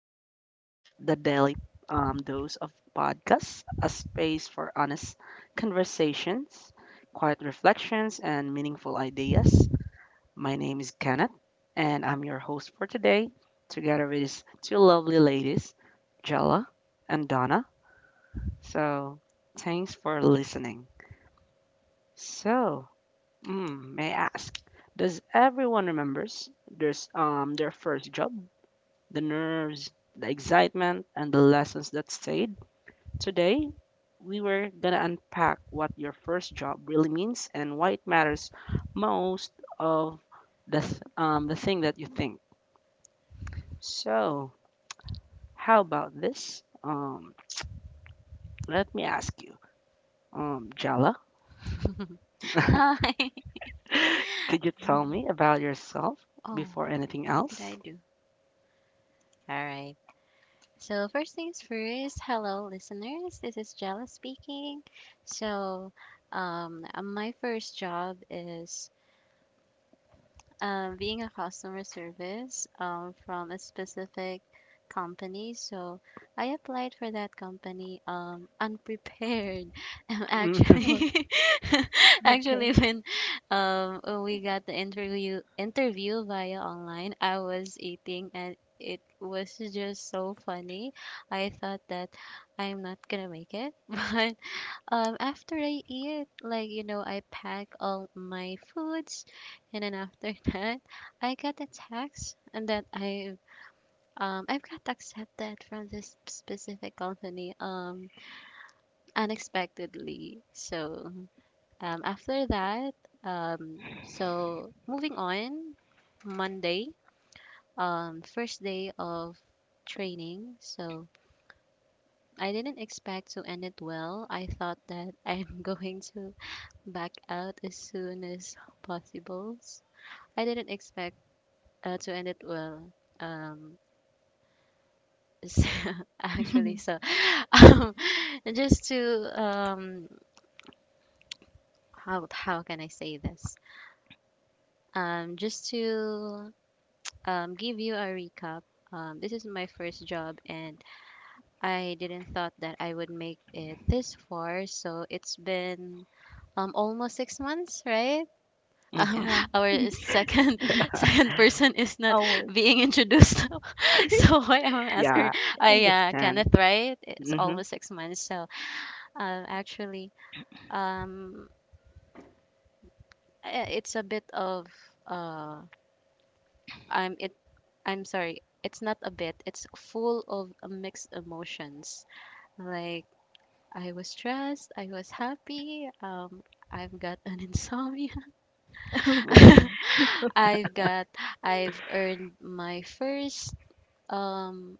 podcast, the Daily Dose of Podcasts, a space for honest conversations, quiet reflections, and meaningful ideas. My name is Kenneth, and I'm your host for today, together with these two lovely ladies, Jella and Donna. So, thanks for listening. So, may I ask, does everyone remembers there's their first job? The nerves, the excitement, and the lessons that stayed. Today, we were gonna unpack what your first job really means and why it matters most of the thing that you think. So, how about this? Let me ask you, Jala, Hi. could you tell Mhm. me about yourself Oh, before anything what did I else? do? All right. So, first things first, hello, listeners. This is Jella speaking. So, my first job is being a customer service from a specific company. So I applied for that company unprepared. Hmm Oh, actually, okay. actually, when when we got the interview via online, I was eating and it was just so funny. I thought that I'm not gonna make it, but after I eat, like, I pack all my foods, and then after that, I got a text and that I've got accepted from this specific company unexpectedly. So after that, um so moving on, Monday, first day of training. So I didn't expect to end it well. I thought that I'm going to back out as soon as possible. I didn't expect to end it well. Um, so- actually, so um, just to, how can I say this? Just to, give you a recap. This is my first job, and I didn't thought that I would make it this far. So it's been almost 6 months, right? um, hmm Yeah, our second second person is not always. being introduced. So I am asking, Yeah, I I understand. Kenneth, right? It's hmm almost 6 months. So, actually, um, it's a bit of uh, I'm it. I'm sorry. It's not a bit. It's full of mixed emotions. Like I was stressed. I was happy. I've got an insomnia. Oh gosh. So, I've got I've earned my first. Um,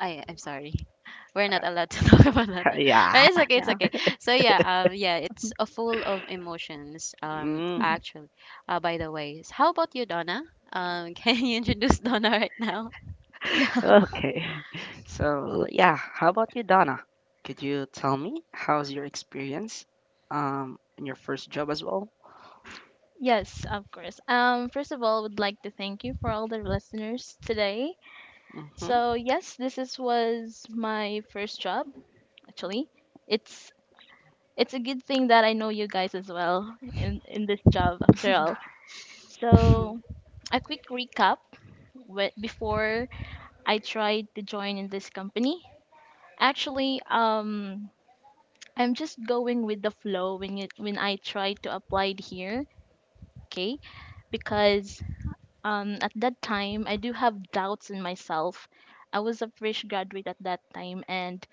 I'm sorry. We're not allowed to talk about that. Yeah. But it's okay, it's yeah. okay. So yeah, yeah, it's a full of emotions, Mm. Mhm. actually. By the way. How about you, Donna? Can you introduce Donna right now? Yeah. Okay. So, yeah, how about you, Donna? Could you tell me how's your experience in your first job as well? Yes, of course. First of all, would like to thank you for all the listeners today. Mhm. So yes, this is was my first job actually. It's it's a good thing that I know you guys as well in this job after all. So a quick recap before I tried to join in this company. Actually, I'm just going with the flow when I try to apply it here, okay? Because at that time I do have doubts in myself. I was a fresh graduate at that time and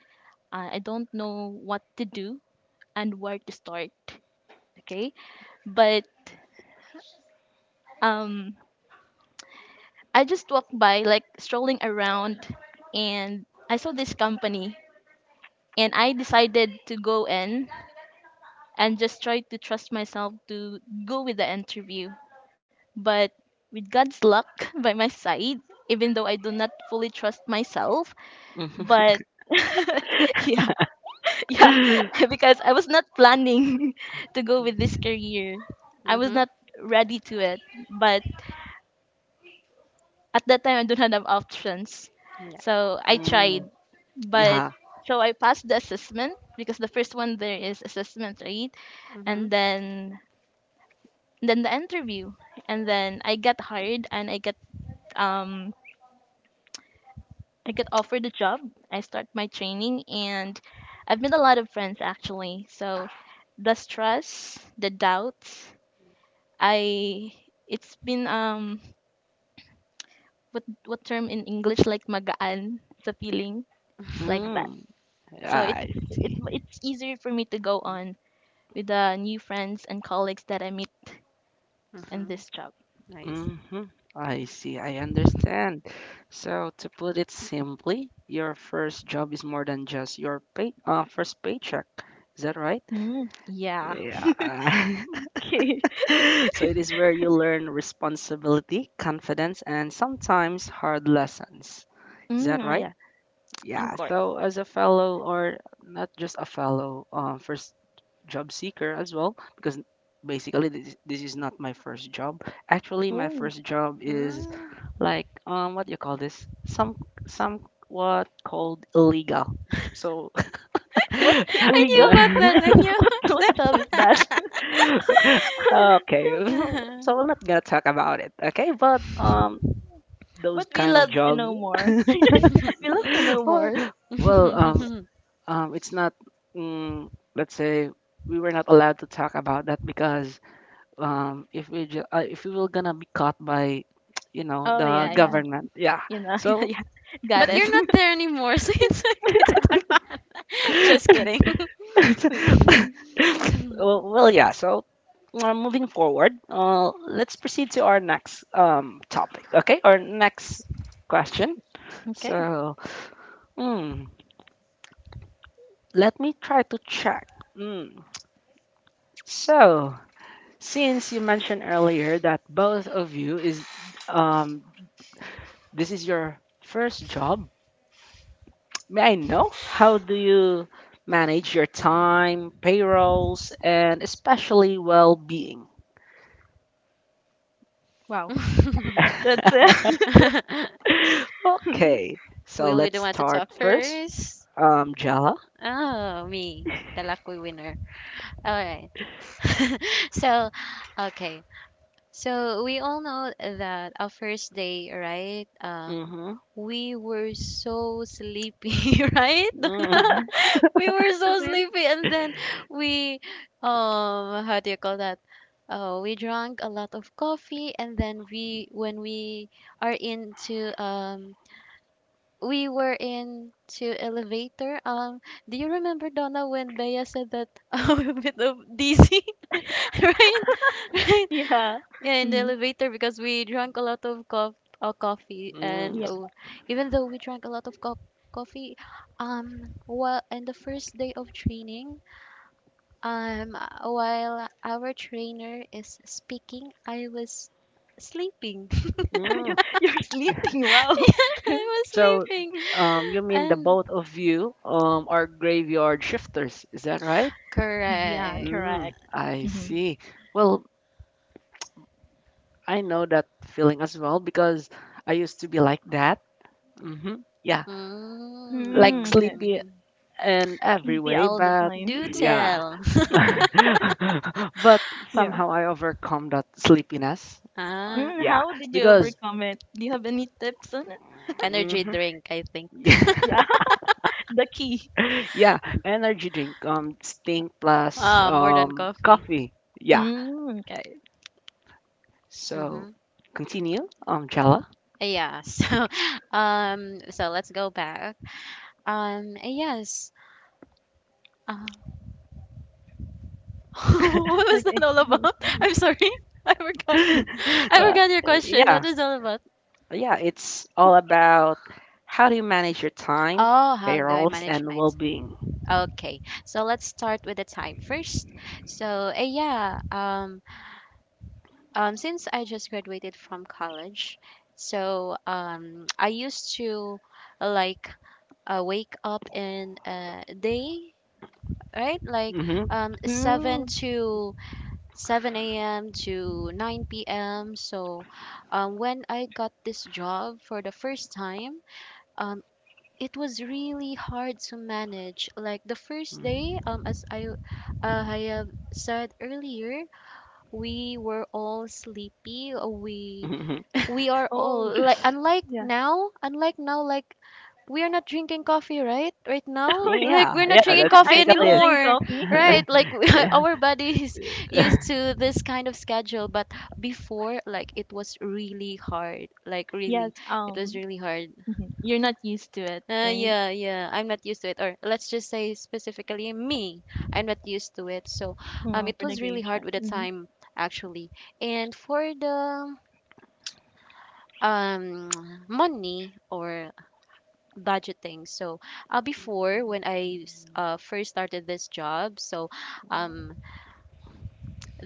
I don't know what to do and where to start, okay? But um I just walked by, like, strolling around, and I saw this company, and I decided to go in and just try to trust myself to go with the interview. But with God's luck by my side, even though I do not fully trust myself, Mhm. but yeah, yeah, because I was not planning to go with this career. I was Mm-hmm. not ready to it, but at that time I don't have options. Yeah. So I Mm, tried, but yeah. so I passed the assessment because the first one there is assessment, right? Mm-hmm. And then the interview, and then I got hired, and um I got offered a job. I start my training, and I've made a lot of friends actually. So the stress, the doubts, I it's been what term in English, like, magaan sa feeling, like that. Mm, So yeah, I see. it's easier for me to go on with the new friends and colleagues that I meet in Mm-hmm. this job. Nice. Mm-hmm. I see. I understand. So, to put it simply, your first job is more than just your pay, first paycheck. Is that right? Mm, yeah. Yeah. Okay. So it is where you learn responsibility, confidence, and sometimes hard lessons. Is that Mm, right? yeah. Of Yeah. course. So as a fellow, or not just a fellow, first job seeker as well, because basically this is not my first job. Actually, my Ooh. first job is Mm. like what do you call this? Some somewhat called illegal. So What I illegal? knew about that. I okay, knew What job is that? about that. so I'm not gonna talk about it. Okay, but those But we kind of love to jobs. know more. We love to know well, more. well, it's not. Mm, let's say we were not allowed to talk about that because if we if we were gonna be caught by, you know, Oh the yeah, yeah. government, yeah. Yeah. So, Yeah. Got But it. you're not there anymore, so it's okay to talk about that. Just kidding. Kidding. well, well, yeah. So, moving forward, let's proceed to our next topic. Okay, our next question. Okay. So, mm, let me try to check. Hmm. So, since you mentioned earlier that both of you is um this is your first job, may I know how do you manage your time, payrolls, and especially well-being? Wow. That's it. Okay, so Will we the let's one to start talk first. first? Jala. Oh, me, the lucky winner. All right. So, okay. So we all know that our first day, right? Mm-hmm. We were so sleepy, right? Donna? Mm, We were so Really? sleepy, and then we, how do you call that? Oh, we drank a lot of coffee, and then when we are into, we were into elevator. Do you remember, Donna, when Bea said that I'm a bit of dizzy, right? Right? Yeah. Yeah, in the Mm, elevator because we drank a lot of coffee, and mm, yeah. oh, even though we drank a lot of coffee, well, in the first day of training, um, while our trainer is speaking, I was sleeping. You're mm. you're sleeping. Wow. I was So, sleeping. You mean the And both of you are graveyard shifters? Is that right? Yeah. correct. Correct. Mm, I Mm-hmm. see. Well, I know that feeling as well because I used to be like that. Yeah, like Mm, okay. sleepy Mm. in every Sleepy way, all the but time. Do yeah. tell. But Yeah. somehow I overcome that sleepiness. Ah, Mm, Yeah, how did you because overcome it? Do you have any tips on it? energy hmm drink, I think. Yeah. The key. yeah, energy drink, Sting plus Ah, more than coffee. coffee. Yeah. Mm, okay. So Mm-hmm. continue, Jella. Yeah. So, so let's go back. Yes. Uh, what was that Okay. all about? I'm sorry. I forgot. I Uh, forgot your question. What yeah. is all about? Yeah, it's all about how do you manage your time, Oh, how do I payrolls, manage and my well being. time? Okay, so let's start with the time first. So, yeah, since I just graduated from college, so I used to, like, wake up in a day, right? Like Mm-hmm. 7 Mm. to 7 a.m. to 9 p.m. So when I got this job for the first time, um, it was really hard to manage. Like the first day, as I have said earlier, we were all sleepy. uh, We Mm-hmm. we are all Oh, like yeah. Unlike now, like we are not drinking coffee right Oh now, my. like Yeah, we're not yeah, drinking that's I coffee still basically it. drink anymore, coffee. right, like we— yeah. our body is used to this kind of schedule, but before, like, it was really hard, like, really Yes. it was really hard. Mhm. You're not used to it, right? Yeah, yeah, I'm not used to it, or let's just say specifically me, I'm not used to it. So Mm, it for the was really hard graveyard. with the Hmm. time, actually, and for the um money or budgeting. So, before, when first started this job, so um,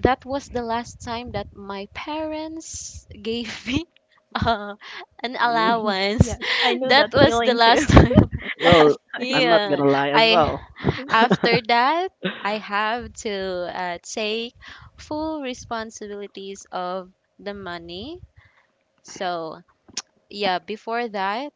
that was the last time that my parents gave me uh, an Mhm. allowance. Yes, I know that That was the feeling too. last time. Last Well, time. I'm not Yeah, gonna lie as I well. after that I have to, take full responsibilities of the money. So yeah, before that,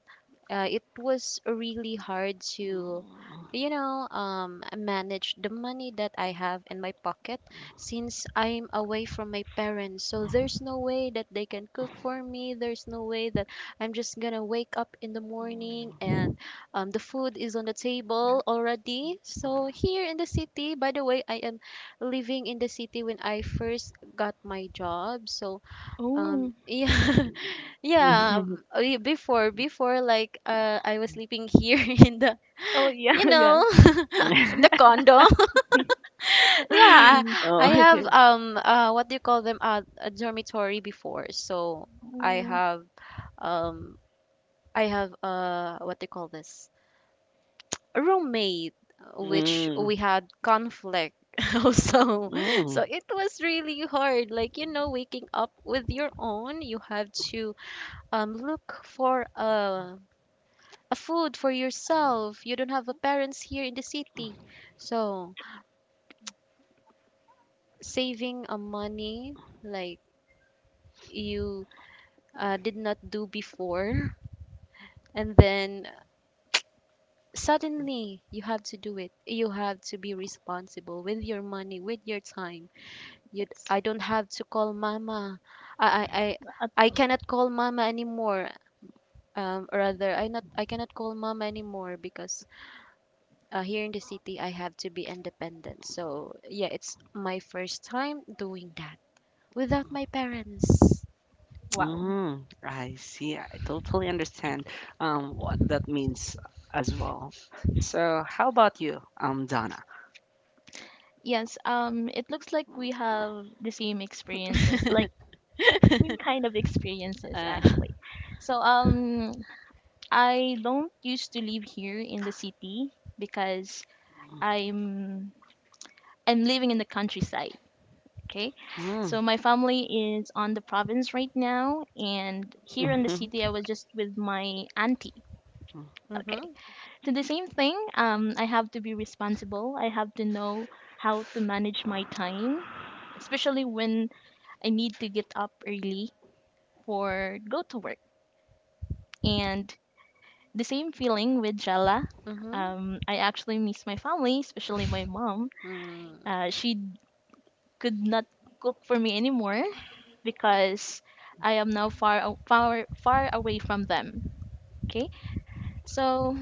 it was really hard to, you know, manage the money that I have in my pocket, since I'm away from my parents. So there's no way that they can cook for me. There's no way that I'm just gonna wake up in the morning and the food is on the table already. So here in the city, by the way, I am living in the city when I first got my job. So Oh. Yeah, yeah. Before, like, I was sleeping here in the, Oh yeah, you yeah. know, in the condo. Yeah, Mhm. I Oh, have okay. What do you call them? A dormitory before. So I Oh, have um, I have, what do you call this? A roommate, which Mm, we had conflict. Also, so mm. it was really hard, like, you know, waking up with your own. You have to look for a food for yourself. You don't have a parents here in the city. So saving a money, like, you did not do before. And then suddenly you have to do it. You have to be responsible with your money, with your time. You, yes. I don't have to call mama. I, I, I At, I um, cannot call mama anymore. Rather, I cannot call mama anymore because, here in the city, I have to be independent. So, yeah, it's my first time doing that without my parents. wow. Mm, I see. I totally understand what that means as well. So, how about you, Donna? Yes. It looks like we have the same experiences, like, same kind of experiences uh, actually. So I don't used to live here in the city because I'm I'm living in the countryside. Okay. Mm, So my family is on the province right now, and here in the mhm, city, I was just with my auntie. Okay. mm-hmm. So the same thing. I have to be responsible. I have to know how to manage my time, especially when I need to get up early for go to work. And the same feeling with Jala. Mm-hmm. I actually miss my family, especially my mom. Mm. She could not cook for me anymore because I am now far far far away from them. Okay? So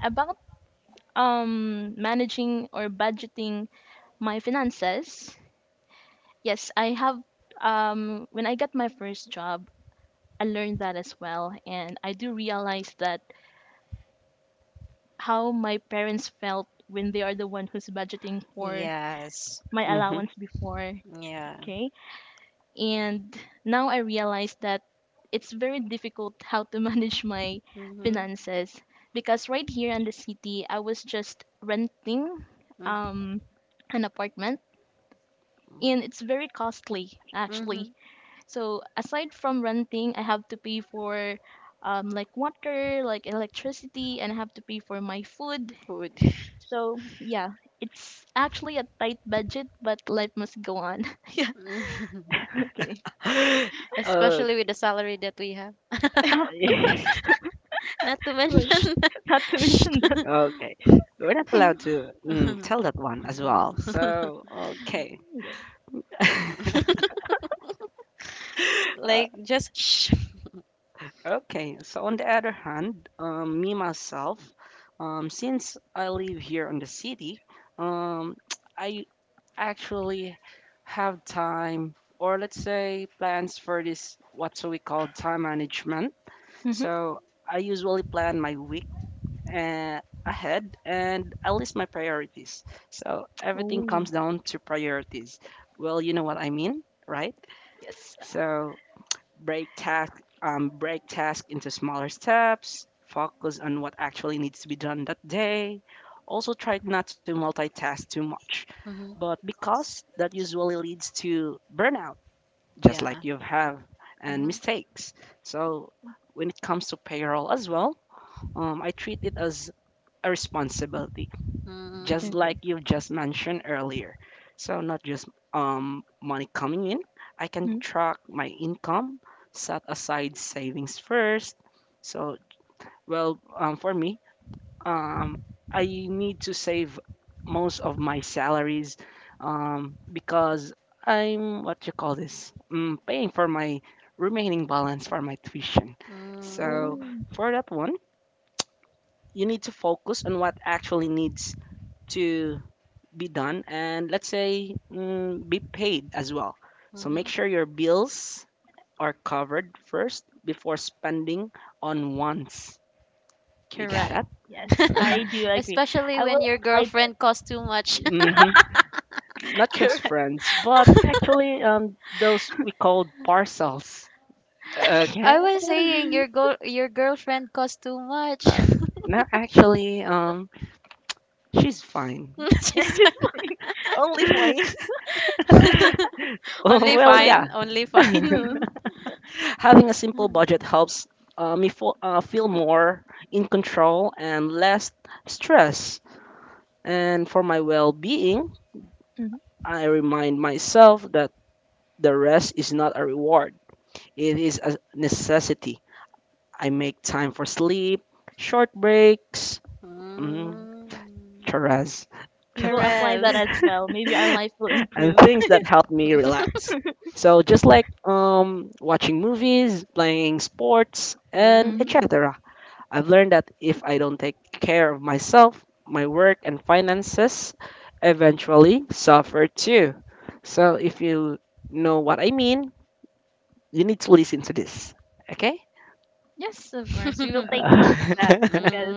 about managing or budgeting my finances, yes, I have when I got my first job, I learned that as well, and I do realize that how my parents felt when they are the one who's budgeting for Yes. my mhm. allowance before. Yeah. Okay? And now I realize that it's very difficult how to manage my Mm-hmm. finances because right here in the city, I was just renting um, an apartment, and it's very costly Mm-hmm. actually. So aside from renting, I have to pay for like, water, like, electricity, and I have to pay for my food. Food. So yeah, it's actually a tight budget, but life must go on. Yeah. Okay. Uh, Especially with the salary that we have. Not to Right. mention. Oosh, Not to Shh. mention. okay, we're not allowed Mhm. to tell that one as well. So, okay. Yeah. Uh, Like just shh. okay, so on the other hand, me myself, since I live here in the city, um, I actually have time or let's say plans for this what we call time management, Hmm. so I usually plan my week uh, ahead and I list my priorities, so everything Oh. comes down to priorities. Well, you know what I mean, right? Yes, So break task into smaller steps, focus on what actually needs to be done that day. Also try not to multitask too much, Hmm. but because that usually leads to burnout, just Yeah. like you have, and Hmm. mistakes. So when it comes to payroll as well, I treat it as a responsibility, just Mm. like okay. you just mentioned earlier. So not just money coming in, I can Mhm. track my income, set aside savings first. So well, for me, um, I need to save most of my salaries, because I'm what you call this, paying for my remaining balance for my tuition. So Mm. Oh, for that one, you need to focus on what actually needs to be done, and let's say be paid as well. So Hmm. make sure your bills are covered first before spending on wants. You got correct. it? Yes, I do agree. Especially I when will your apply that. girlfriend costs too much. hmm Not just Correct. friends, but actually those we called parcels. Okay. I was saying your your girlfriend costs too much. No, actually, she's fine. She's It's fine. Only fine. fine. Only Well, yeah. fine, only Mm. fine. Having a simple budget helps me feel more in control and less stress. And for my well being, Hmm. I remind myself that the rest is not a reward, it is a necessity. I make time for sleep, short breaks, mm, Mm. charas, We will apply Charez. that as well. Maybe our life will and improve. things that help me relax. So just like watching movies, playing sports, and Hmm. Mm. etc. I've learned that if I don't take care of myself, my work and finances eventually suffer too. So if you know what I mean, you need to listen to this. Okay? Yes, of course. We will take note of that Uh, because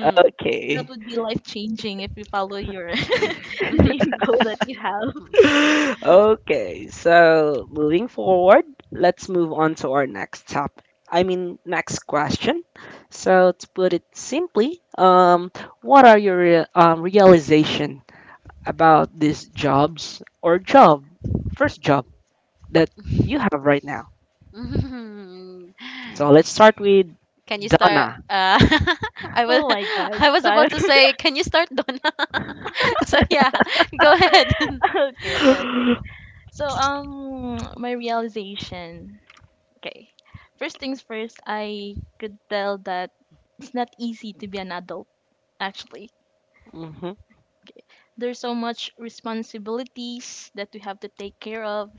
that okay. would be life changing if you follow your the same goal that you have. Okay. So moving forward, let's move on to our next topic. I mean, next question. So to put it simply, what are your realization about these jobs or job, first job that you have right now. Mm. So let's start with Can you start? Donna. I was Oh my God. I was So, about I- to say, can you start, Donna? So yeah, go ahead. okay, okay. hmm So my realization. Okay. First things first, I could tell that it's not easy to be an adult actually. There's so much responsibilities that we have to take care of,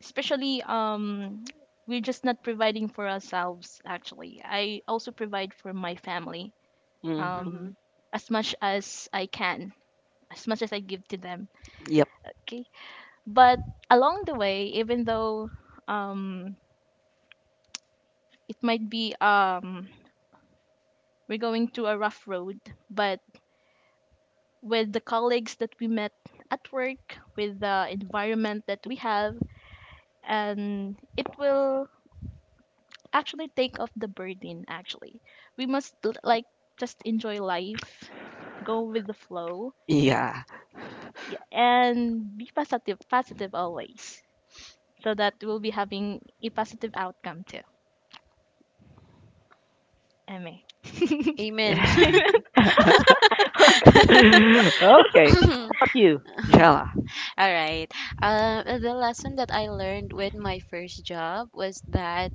especially we're just not providing for ourselves actually. I also provide for my family hmm um Mhm. as much as I can, as much as I give to them. Yep. Okay. But along the way, even though um it might be, we're going to a rough road, but with the colleagues that we met at work, with the environment that we have, and it will actually take off the burden actually, we must like, just enjoy life, go with the flow, Yeah. yeah, and be positive, positive always, so that we'll be having a positive outcome too, ma. Amen. Okay. Oh gosh. How about you, Jella? All right. The lesson that I learned with my first job was that,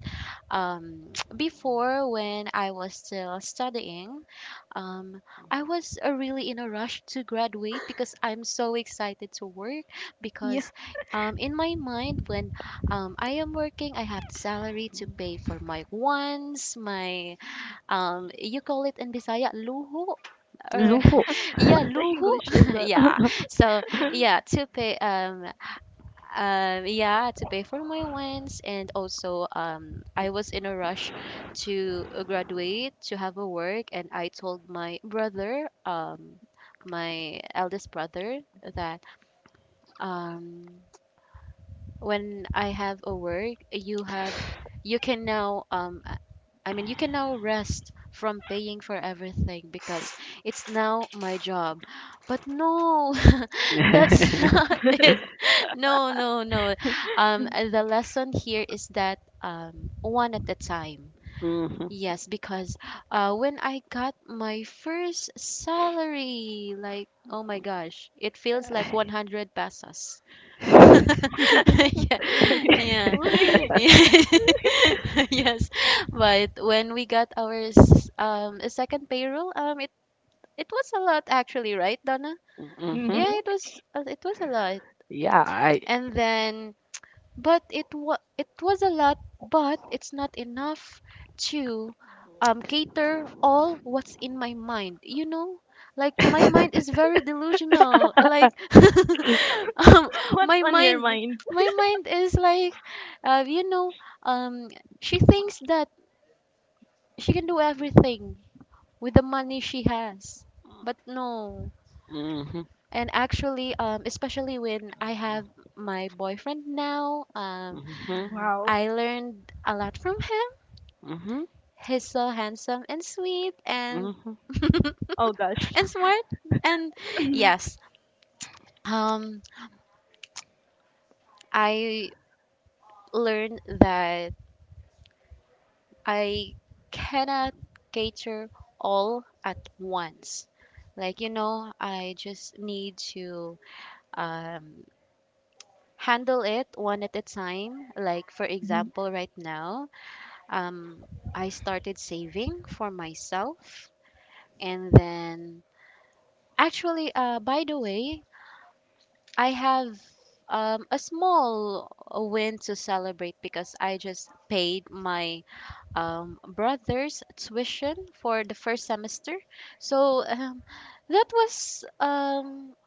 um, before, when I was still studying, um, I was, really in a rush to graduate because I'm so excited to work. Yeah. Because, in my mind, when, I am working, I have the salary to pay for my wants, my— you call it in Bisaya luhu, or Luho. yeah What's the luhu English of that? yeah. So yeah, to pay, yeah to pay for my wants, and also I was in a rush to, graduate to have a work, and I told my brother, my eldest brother, that, um when I have a work, you can now, I mean, you can now rest from paying for everything because it's now my job. But no, that's not it. No, no, no. The lesson here is that, one at a time. hmm hmm Yes, because, when I got my first salary, like, oh my gosh, it feels like 100 pesos. Yeah, yeah, Uy. yeah. Yes. But when we got our second payroll, it was a lot, actually, right, Donna? Mm-hmm. Yeah, it was a lot. Yeah, I. And then, but it was a lot, but it's not enough to cater all what's in my mind, you know, like my mind hmm is very delusional, like, um What's my on your mind mind? my mind is like, you know, um she thinks that she can do everything with the money she has, but no. hmm And actually, especially when I have my boyfriend now, Wow. I learned a lot from him. hmm He's so handsome and sweet and Oh gosh. and smart and, yes. Um I learned that I cannot cater all at once. Like, you know, I just need to um handle it one at a time. Like, for Mhm. example, right now, um I started saving for myself, and then, actually, by the way, I have, a small win to celebrate because I just paid my, brother's tuition for the first semester. So, that was um,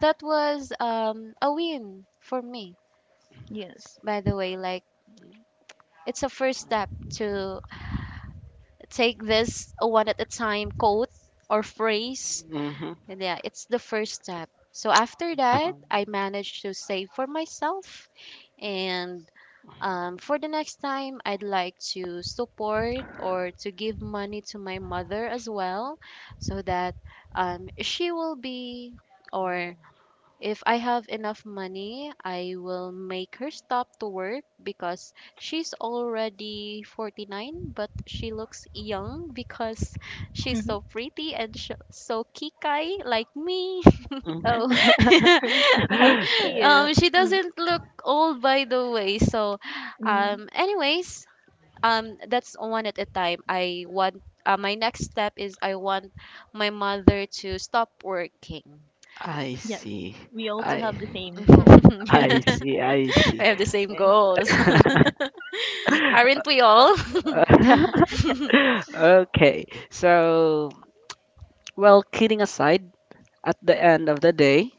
that was, a win for me. Yes. By the way, like, it's a first step to take this one at a time quote or phrase. hmm And yeah, it's the first step. So after that, hmm I managed to save for myself. And, for the next time, I'd like to support or to give money to my mother as well, so that, she will be, or if I have enough money, I will make her stop to work because she's already 49, but she looks young because she's Mm-hmm. so pretty and so kikai like me. Mhm. Oh. Uh-huh. That's cute. She Mm. doesn't look old, by the way. So, Mm. Anyways, that's one at a time. I want my next step is, I want my mother to stop working. I Yes, see. we also I have the same goal. I I see. Okay. I see. have the same Eh, goals. yeah, okay, Aren't we all? yeah, yeah. Okay. So, well, kidding aside, at the end of the day,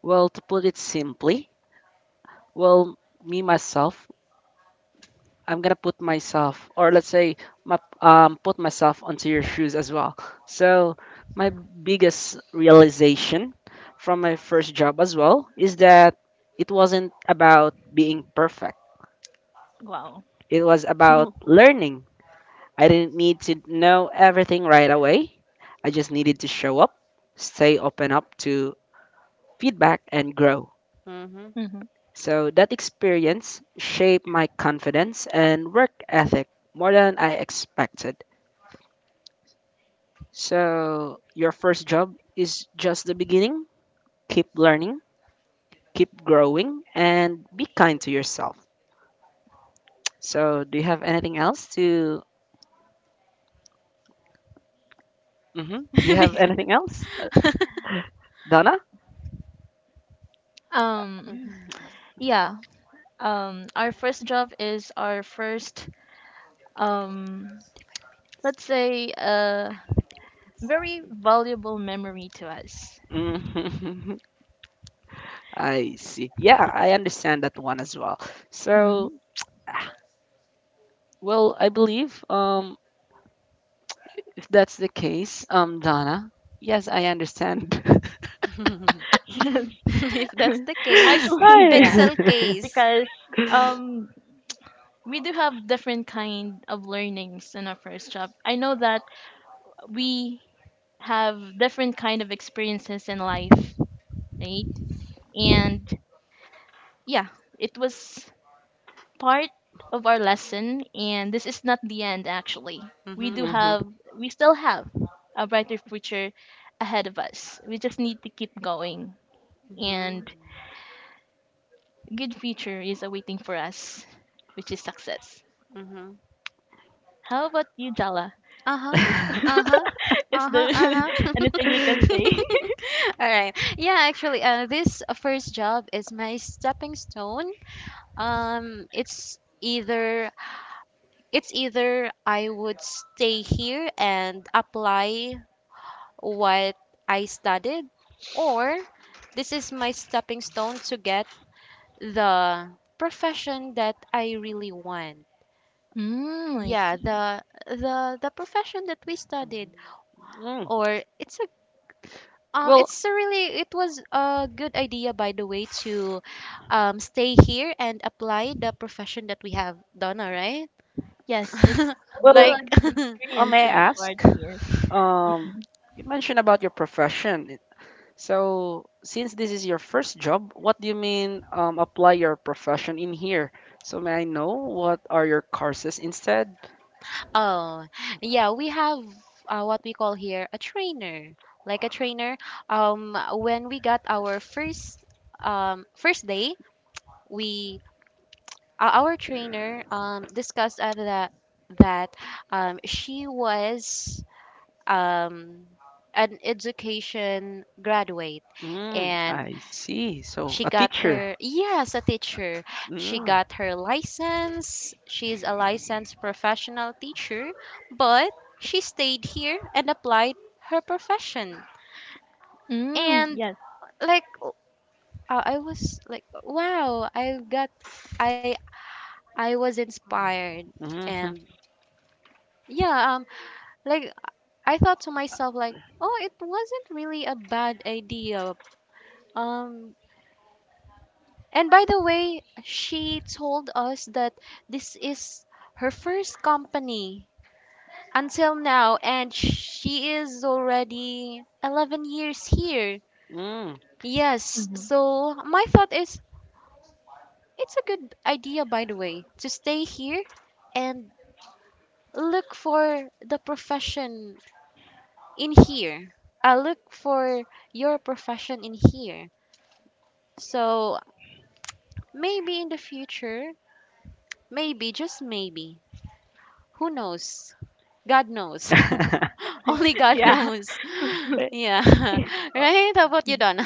well, to put it simply, well, me myself, I'm gonna put myself, or let's say, put myself onto your shoes as well. So, my biggest realization from my first job as well is that it wasn't about being perfect. Wow. It was about learning. I didn't need to know everything right away. I just needed to show up, stay open up to feedback, and grow. Mm-hmm. Mm-hmm. So that experience shaped my confidence and work ethic more than I expected. So your first job is just the beginning. Keep learning, keep growing, and be kind to yourself. So do you have anything else to? Do you have anything Because- else, Donna? Um. Yeah. Our first job is our first. Um. Let's say a very valuable memory to us. I see. Yeah, I understand that one as well. So, ah, well, I believe if that's the case, Donna, yes, I understand. Yes. if that's the case, Actually, yeah, pencil Hi. case. because um we do have different kind of learnings in our first job. I know that we have different kind of experiences in life, right? And yeah, it was part of our lesson, and this is not the end actually. We Mm-hmm. do hmm have we still have a brighter future ahead of us. We just need to keep going. And Mm-hmm. good future is awaiting for us, which is success. Mm-hmm. How about you, Jala? Uh-huh. Is, Uh-huh. is Uh-huh. there Uh-huh. anything you can say? All right. Yeah, actually, this first job is my stepping stone. Um, it's either it's either I would stay here and apply what I studied, or this is my stepping stone to get the profession that I really want. Mm, I Yeah, see. the profession that we studied, Mm. or Well, it's a really it was a good idea, by the way, to stay here and apply the profession that we have done, all right? Yes, it's also well, like a good experience may to be I ask? part here. Um, Mhm. you mentioned about your profession. So, since this is your first job, what do you mean apply your profession in here? So, may I know what are your courses instead? Oh, yeah, we have, what we call here a trainer. Like a trainer, when we got our first, first day, we our trainer discussed, that, she was, um an education graduate. Mm, And I see. So she a got teacher. her, yes, a teacher. She Mm, got her license. She's a licensed professional teacher, but she stayed here and applied her profession. Mm, And, yes. like, I was like, wow, I got I I was inspired, mhm, and yeah, like I thought to myself, like, oh, it wasn't really a bad idea. Um And by the way, she told us that this is her first company until now, and she is already 11 years here. mm. Yes, Mhm. so my thought is, it's a good idea, by the way, to stay here and look for the profession in here. I look for your profession in here. So maybe in the future, maybe, just maybe, who knows? God knows. Only God Yeah. knows. Yeah. Right? How about you, Mm. Donna?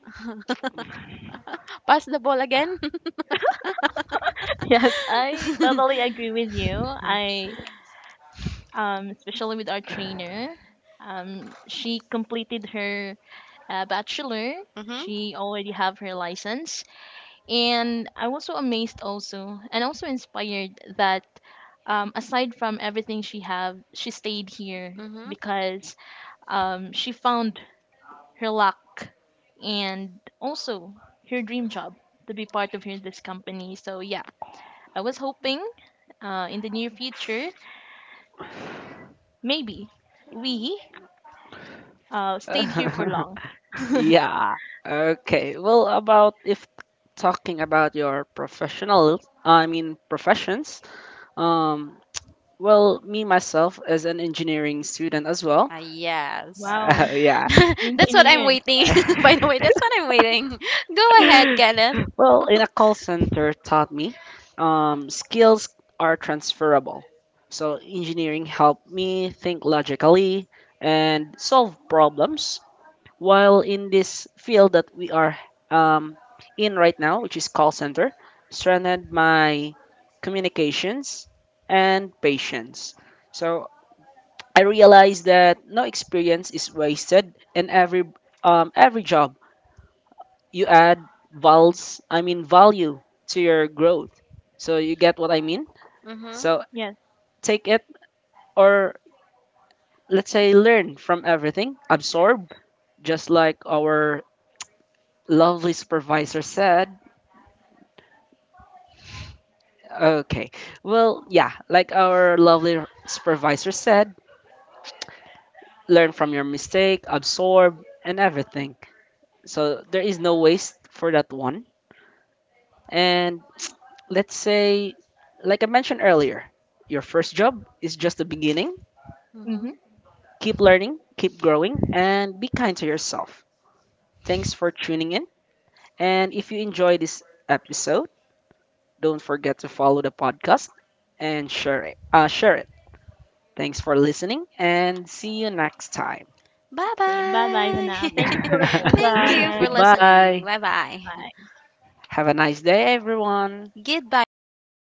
Pass the ball again? Yes, I totally agree with you. I especially with our trainer, she completed her bachelor. Mm-hmm. She already have her license, and I was so amazed also and also inspired that aside from everything she have, she stayed here Mm-hmm. because she found her luck and also her dream job to be part of her, this company. So yeah, I was hoping in the near future, maybe we stayed here for long. Yeah. Okay. Well, about if talking about your professional, I mean professions. Um, well, me myself as an engineering student as well. Ah, yes. Wow, yeah. That's what I'm engineering. waiting. By the way, that's what I'm waiting. Go ahead, Kenneth. Well, in a call center taught me skills are transferable. So engineering helped me think logically and solve problems. While in this field that we are um, in right now, which is call center, strengthened my communications and patience. So I realized that no experience is wasted, and every job you add vals I mean value to your growth, so you get what I mean. Mm-hmm. So Yes. take it, or let's say learn from everything, absorb, just like our lovely supervisor said. Okay, well, yeah, like our lovely supervisor said, learn from your mistake, absorb, and everything, so there is no waste for that one. And let's say, like I mentioned earlier, your first job is just the beginning. Mm-hmm. Mm-hmm. Keep learning, keep growing, and be kind to yourself. Thanks for tuning in. And if you enjoy this episode, don't forget to follow the podcast and share it. Share it. Thanks for listening, and see you next time. Bye So yeah, bye bye for bye. now. Thank you for listening, Thank you for guys. listening. Goodbye. Bye bye. Bye. Have a nice day, everyone. Goodbye for now.